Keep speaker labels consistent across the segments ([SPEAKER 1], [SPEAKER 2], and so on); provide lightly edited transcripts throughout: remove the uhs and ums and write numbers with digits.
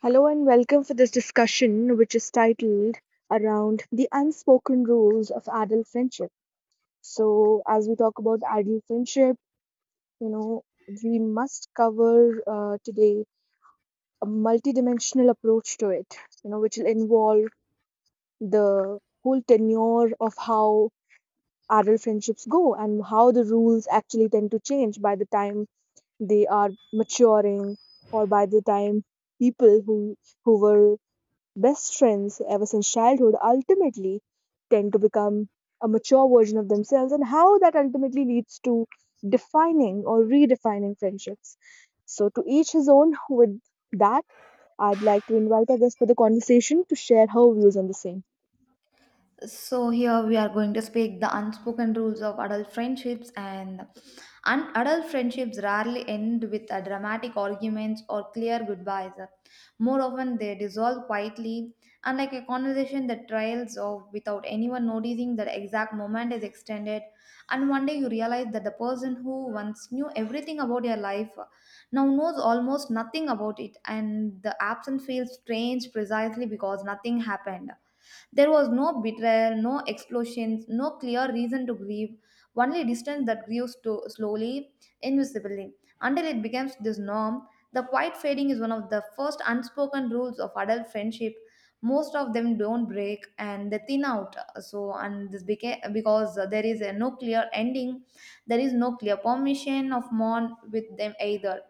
[SPEAKER 1] Hello and welcome for this discussion, which is titled around the unspoken rules of adult friendship. So, as we talk about adult friendship, you know, we must cover today a multidimensional approach to it, you know, which will involve the whole tenure of how adult friendships go and how the rules actually tend to change by the time they are maturing or by the time people who were best friends ever since childhood ultimately tend to become a mature version of themselves and how that ultimately leads to defining or redefining friendships. So, to each his own with that, I'd like to invite our guest for the conversation to share her views on the same.
[SPEAKER 2] So here we are going to speak the unspoken rules of adult friendships and adult friendships rarely end with a dramatic arguments or clear goodbyes. More often they dissolve quietly, unlike a conversation that trails off without anyone noticing that exact moment is extended. And one day you realize that the person who once knew everything about your life now knows almost nothing about it, and the absence feels strange precisely because nothing happened. There was no betrayal, no explosions, no clear reason to grieve, only distance that grew slowly, invisibly, until it becomes this norm. The quiet fading is one of the first unspoken rules of adult friendship. Most of them don't break and they thin out. So, and this became because there is a no clear ending, there is no clear permission of mourn with them either,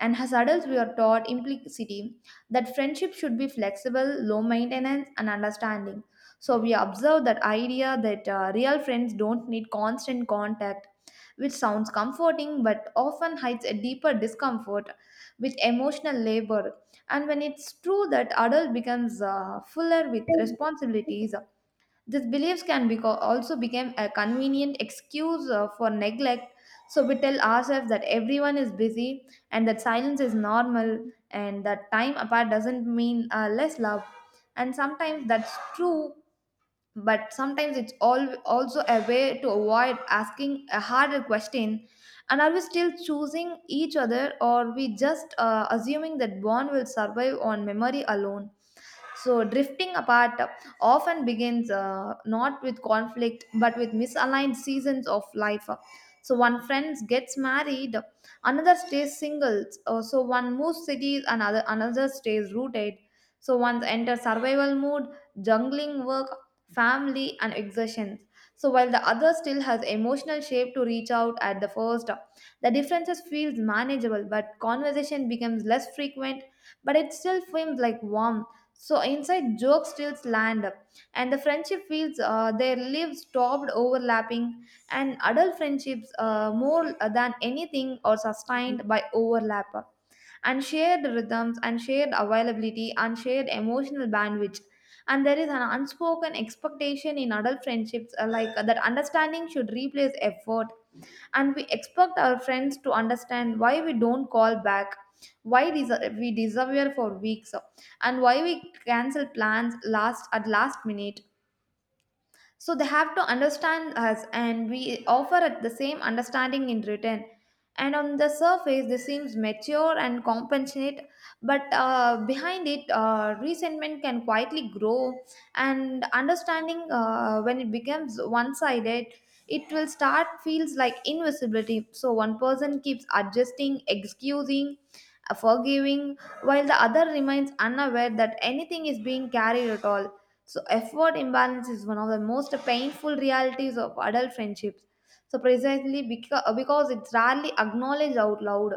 [SPEAKER 2] and as adults, we are taught implicitly that friendship should be flexible, low maintenance, and understanding. So we observe that idea that real friends don't need constant contact, which sounds comforting but often hides a deeper discomfort with emotional labor. And when it's true that adult becomes fuller with responsibilities, these beliefs can be also become a convenient excuse for neglect. So we tell ourselves that everyone is busy and that silence is normal and that time apart doesn't mean less love. And sometimes that's true, but sometimes it's all also a way to avoid asking a harder question. And are we still choosing each other, or we just assuming that bond will survive on memory alone? So, drifting apart often begins not with conflict but with misaligned seasons of life. So, one friend gets married, another stays single. So, one moves cities, another stays rooted. So, one enters survival mode, jungling work, family, and exertions. So, while the other still has emotional shape to reach out at the first, the differences feels manageable, but conversation becomes less frequent. But it still feels like warm. So inside joke steals land, up, and the friendship fields their lives stopped overlapping, and adult friendships more than anything are sustained by overlap, and shared rhythms, and shared availability, and shared emotional bandwidth. And there is an unspoken expectation in adult friendships like that understanding should replace effort, and we expect our friends to understand why we don't call back, why we disappear for weeks, and why we cancel plans last at last minute, so they have to understand us and we offer at the same understanding in return. And on the surface this seems mature and compassionate, but behind it resentment can quietly grow. And understanding, when it becomes one-sided, it will start feels like invisibility. So one person keeps adjusting, excusing, forgiving, while the other remains unaware that anything is being carried at all. So, effort imbalance is one of the most painful realities of adult friendships. So, precisely because it's rarely acknowledged out loud.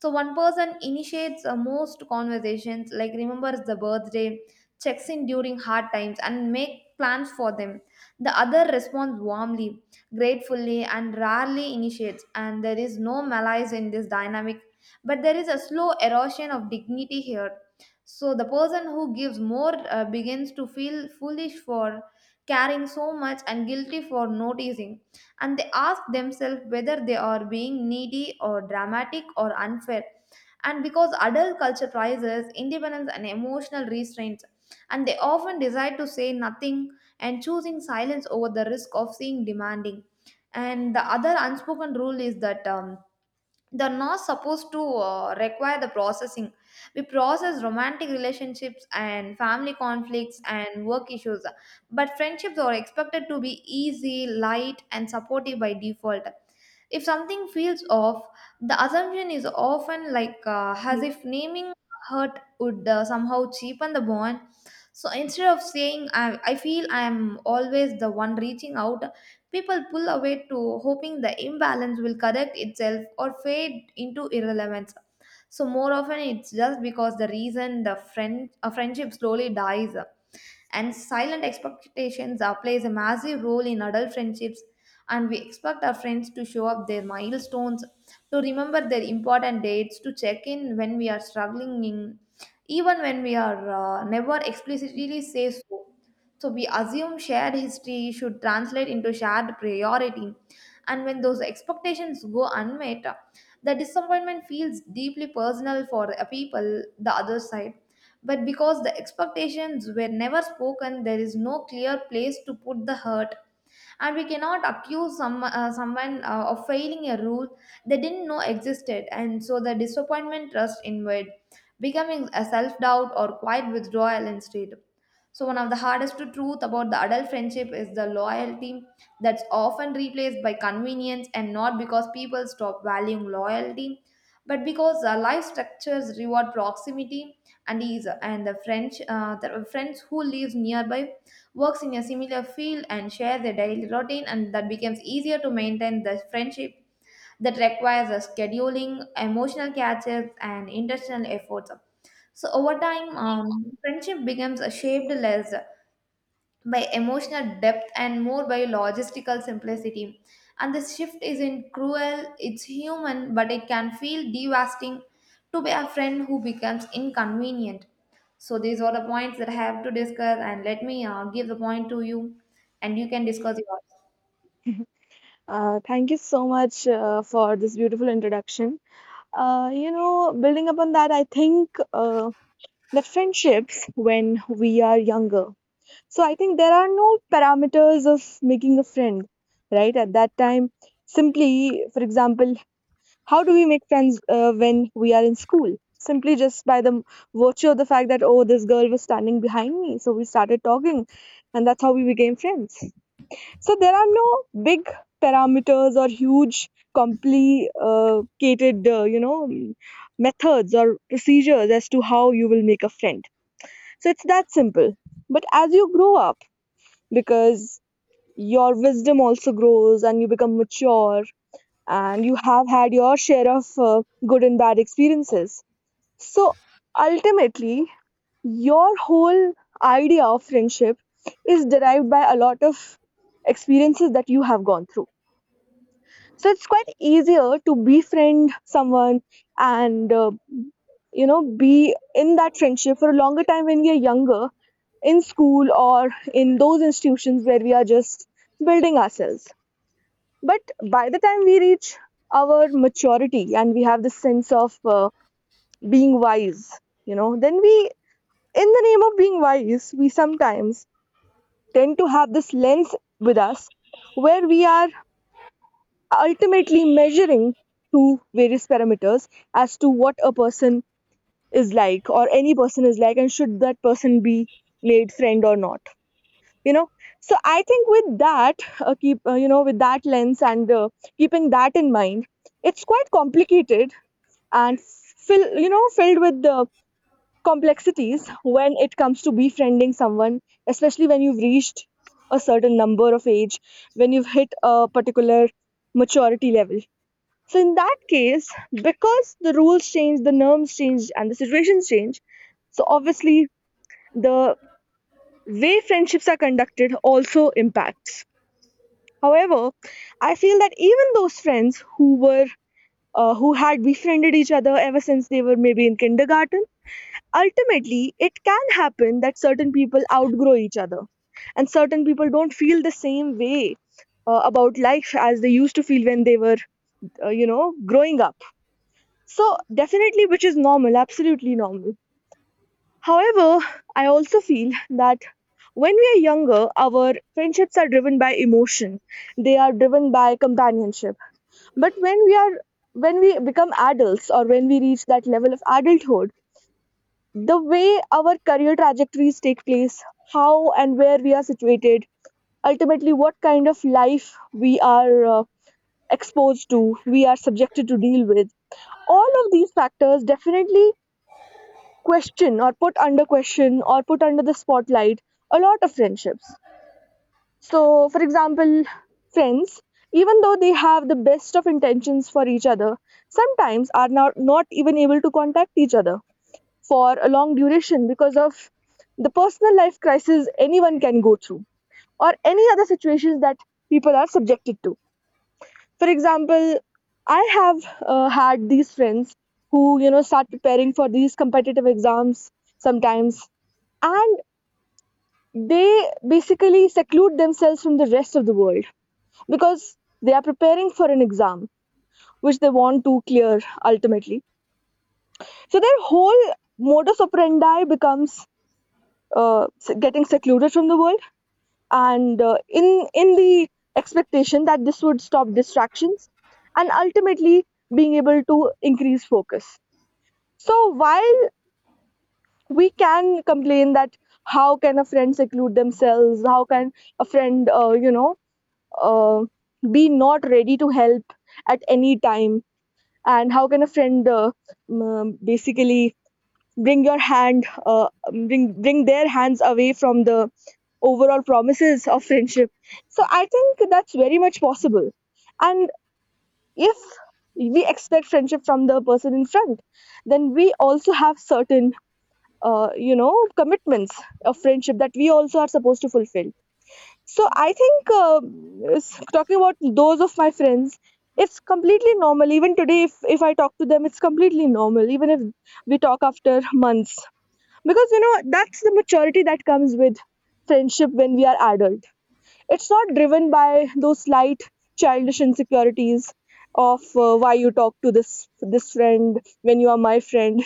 [SPEAKER 2] So, one person initiates most conversations, like remembers the birthday, checks in during hard times, and make plans for them. The other responds warmly, gratefully, and rarely initiates, and there is no malice in this dynamic. But there is a slow erosion of dignity here, so the person who gives more begins to feel foolish for caring so much and guilty for noticing. And they ask themselves whether they are being needy or dramatic or unfair. And because adult culture prizes independence and emotional restraint, and they often decide to say nothing and choosing silence over the risk of seeing demanding. And the other unspoken rule is that they're not supposed to require the processing. We process romantic relationships and family conflicts and work issues, but friendships are expected to be easy, light, and supportive by default. If something feels off, the assumption is often like as if naming hurt would somehow cheapen the bond. So instead of saying, I feel I am always the one reaching out, people pull away to hoping the imbalance will correct itself or fade into irrelevance. So more often it's just because the reason the friend a friendship slowly dies, and silent expectations are, plays a massive role in adult friendships. And we expect our friends to show up their milestones, to remember their important dates, to check in when we are struggling in, even when we are never explicitly say so. So we assume shared history should translate into shared priority, and when those expectations go unmet, the disappointment feels deeply personal for the people the other side. But because the expectations were never spoken, there is no clear place to put the hurt, and we cannot accuse someone of failing a rule they didn't know existed, and so the disappointment trust inward, becoming a self-doubt or quiet withdrawal instead. So one of the hardest truth about the adult friendship is the loyalty that's often replaced by convenience, and not because people stop valuing loyalty, but because life structures reward proximity and ease. And the friends who live nearby, works in a similar field and share their daily routine, and that becomes easier to maintain the friendship that requires a scheduling emotional catches and intentional efforts. So over time, friendship becomes a shaped less by emotional depth and more by logistical simplicity. And this shift isn't cruel, it's human, but it can feel devastating to be a friend who becomes inconvenient. So, these are the points that I have to discuss, and let me give the point to you, and you can discuss yours.
[SPEAKER 1] Thank you so much for this beautiful introduction. You know, building upon that, I think that friendships when we are younger. So I think there are no parameters of making a friend, right? At that time, simply, for example, how do we make friends when we are in school? Simply just by the virtue of the fact that, oh, this girl was standing behind me. So we started talking, and that's how we became friends. So there are no big parameters or huge, complicated, you know, methods or procedures as to how you will make a friend. So it's that simple. But as you grow up, because your wisdom also grows and you become mature and you have had your share of good and bad experiences. So ultimately, your whole idea of friendship is derived by a lot of experiences that you have gone through. So it's quite easier to befriend someone and you know, be in that friendship for a longer time when we are younger in school or in those institutions where we are just building ourselves. But by the time we reach our maturity and we have this sense of being wise, you know, then we, in the name of being wise, we sometimes tend to have this lens with us where we are ultimately measuring to various parameters as to what a person is like or any person is like and should that person be made friend or not, you know. So I think with that, keep you know, with that lens and, keeping that in mind, it's quite complicated and fill, you know, filled with the complexities when it comes to befriending someone, especially when you've reached a certain number of age, when you've hit a particular maturity level. So in that case, because the rules change, the norms change, and the situations change, so obviously the way friendships are conducted also impacts. However, I feel that even those friends who were who had befriended each other ever since they were maybe in kindergarten, ultimately it can happen that certain people outgrow each other, and certain people don't feel the same way about life as they used to feel when they were, you know, growing up. So definitely, which is normal, absolutely normal. However, I also feel that when we are younger, our friendships are driven by emotion. They are driven by companionship, but when we are, when we become adults or when we reach that level of adulthood, the way our career trajectories take place, how and where we are situated, ultimately what kind of life we are exposed to, we are subjected to deal with, all of these factors definitely question or put under question or put under the spotlight a lot of friendships. So, for example, friends, even though they have the best of intentions for each other, sometimes are not even able to contact each other for a long duration because of the personal life crisis anyone can go through or any other situations that people are subjected to. For example, I have had these friends who, you know, start preparing for these competitive exams sometimes, and they basically seclude themselves from the rest of the world because they are preparing for an exam which they want to clear ultimately. So their whole modus operandi becomes, uh, getting secluded from the world, and in the expectation that this would stop distractions and ultimately being able to increase focus. So while we can complain that how can a friend seclude themselves, how can a friend, you know, uh, be not ready to help at any time, and how can a friend, basically bring your hand bring bring their hands away from the overall promises of friendship. So I think that's very much possible, and if we expect friendship from the person in front, then we also have certain, you know, commitments of friendship that we also are supposed to fulfill. So I think, talking about those of my friends, it's completely normal. Even today, if I talk to them, it's completely normal. Even if we talk after months, because you know that's the maturity that comes with friendship when we are adult. It's not driven by those slight childish insecurities of why you talk to this friend when you are my friend.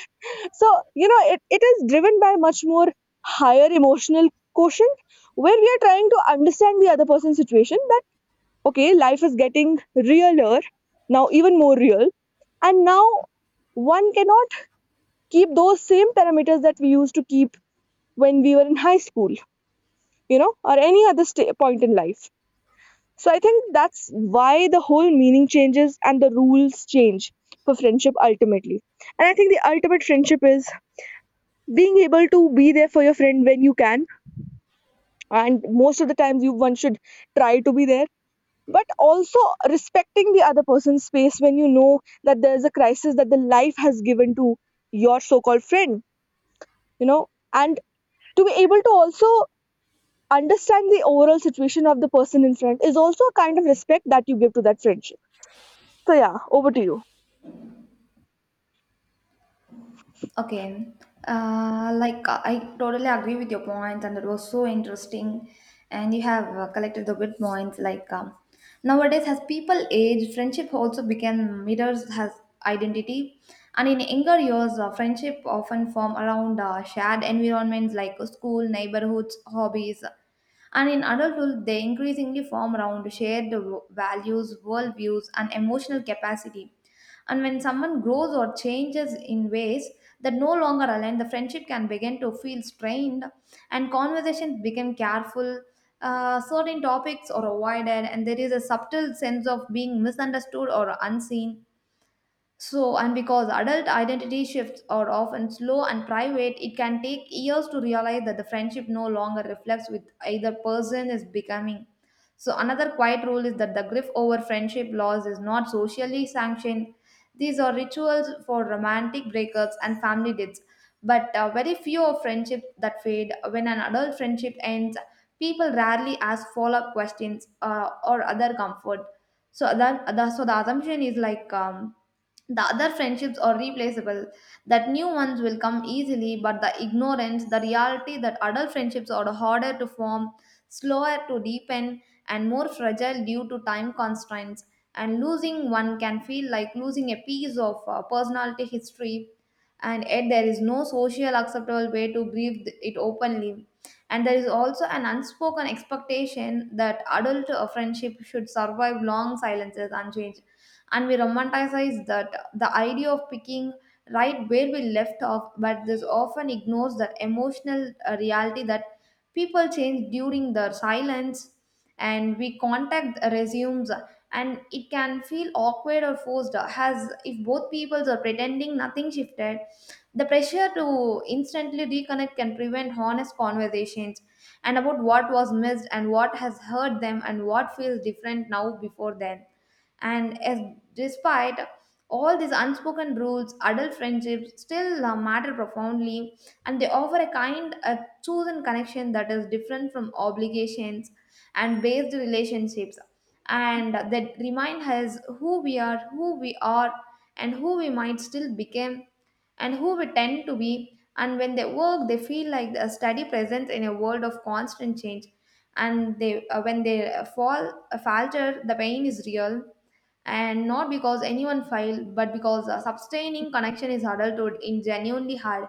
[SPEAKER 1] So, you know, it is driven by much more higher emotional quotient where we are trying to understand the other person's situation that, okay, life is getting realer, now even more real. And now one cannot keep those same parameters that we used to keep when we were in high school, you know, or any other sta point in life. So I think that's why the whole meaning changes and the rules change for friendship ultimately. And I think the ultimate friendship is being able to be there for your friend when you can, and most of the times you one should try to be there, but also respecting the other person's space when you know that there's a crisis that the life has given to your so-called friend, you know. And to be able to also understand the overall situation of the person in front is also a kind of respect that you give to that friendship. So yeah, over to you.
[SPEAKER 2] Okay, like I totally agree with your points, and it was so interesting. And you have collected the good points. Like nowadays, as people age, friendship also become mirrors has identity, and in younger years, friendship often form around shared environments like school, neighborhoods, hobbies, and in adulthood, they increasingly form around shared values, worldviews, and emotional capacity. And when someone grows or changes in ways that no longer align, the friendship can begin to feel strained, and conversations become careful. Certain topics are avoided, and there is a subtle sense of being misunderstood or unseen. So, and because adult identity shifts are often slow and private, it can take years to realize that the friendship no longer reflects with either person is becoming. So, another quiet rule is that the grief over friendship loss is not socially sanctioned. These are rituals for romantic breakups and family deaths. But very few of friendships that fade. When an adult friendship ends, people rarely ask follow up questions or other comfort, so that the so the assumption is like the other friendships are replaceable, that new ones will come easily, but the ignorance the reality that adult friendships are harder to form, slower to deepen, and more fragile due to time constraints, and losing one can feel like losing a piece of personality history, and yet there is no social acceptable way to grieve it openly. And there is also an unspoken expectation that adult friendship should survive long silences unchanged, and we romanticize that the idea of picking right where we left off, but this often ignores the emotional reality that people change during their silence, and we contact resumes, and it can feel awkward or forced as if both peoples are pretending nothing shifted. The pressure to instantly reconnect can prevent honest conversations and about what was missed and what has hurt them and what feels different now before then. And as, despite all these unspoken rules, adult friendships still matter profoundly, and they offer a kind of chosen connection that is different from obligations and based relationships, and that remind us who we are, and who we might still become, and who we tend to be. And when they work, they feel like a steady presence in a world of constant change, and they when they fall falter the pain is real, and not because anyone failed but because a sustaining connection is adulthood in genuinely hard.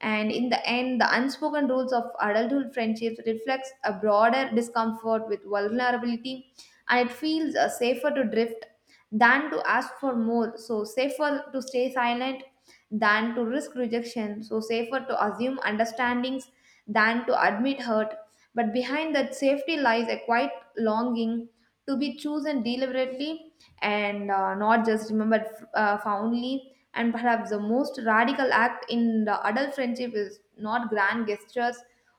[SPEAKER 2] And in the end the unspoken rules of adulthood friendships reflects a broader discomfort with vulnerability, and it feels safer to drift than to ask for more, so safer to stay silent than to risk rejection, so safer to assume understandings than to admit hurt, but behind that safety lies a quiet longing to be chosen deliberately, and not just remembered fondly. And perhaps the most radical act in the adult friendship is not grand gestures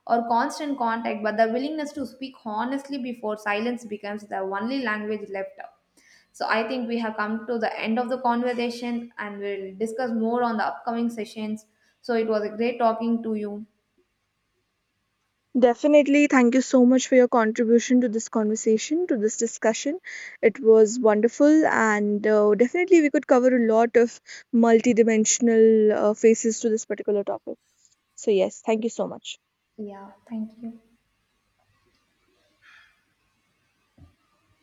[SPEAKER 2] or constant contact, but the willingness to speak honestly before silence becomes the only language left out. So I think we have come to the end of the conversation and we'll discuss more on the upcoming sessions. So it was a great talking to you.
[SPEAKER 1] Definitely. Thank you so much for your contribution to this conversation, to this discussion. It was wonderful, and definitely we could cover a lot of multidimensional faces to this particular topic. So, yes, thank you so much.
[SPEAKER 2] Yeah, thank you.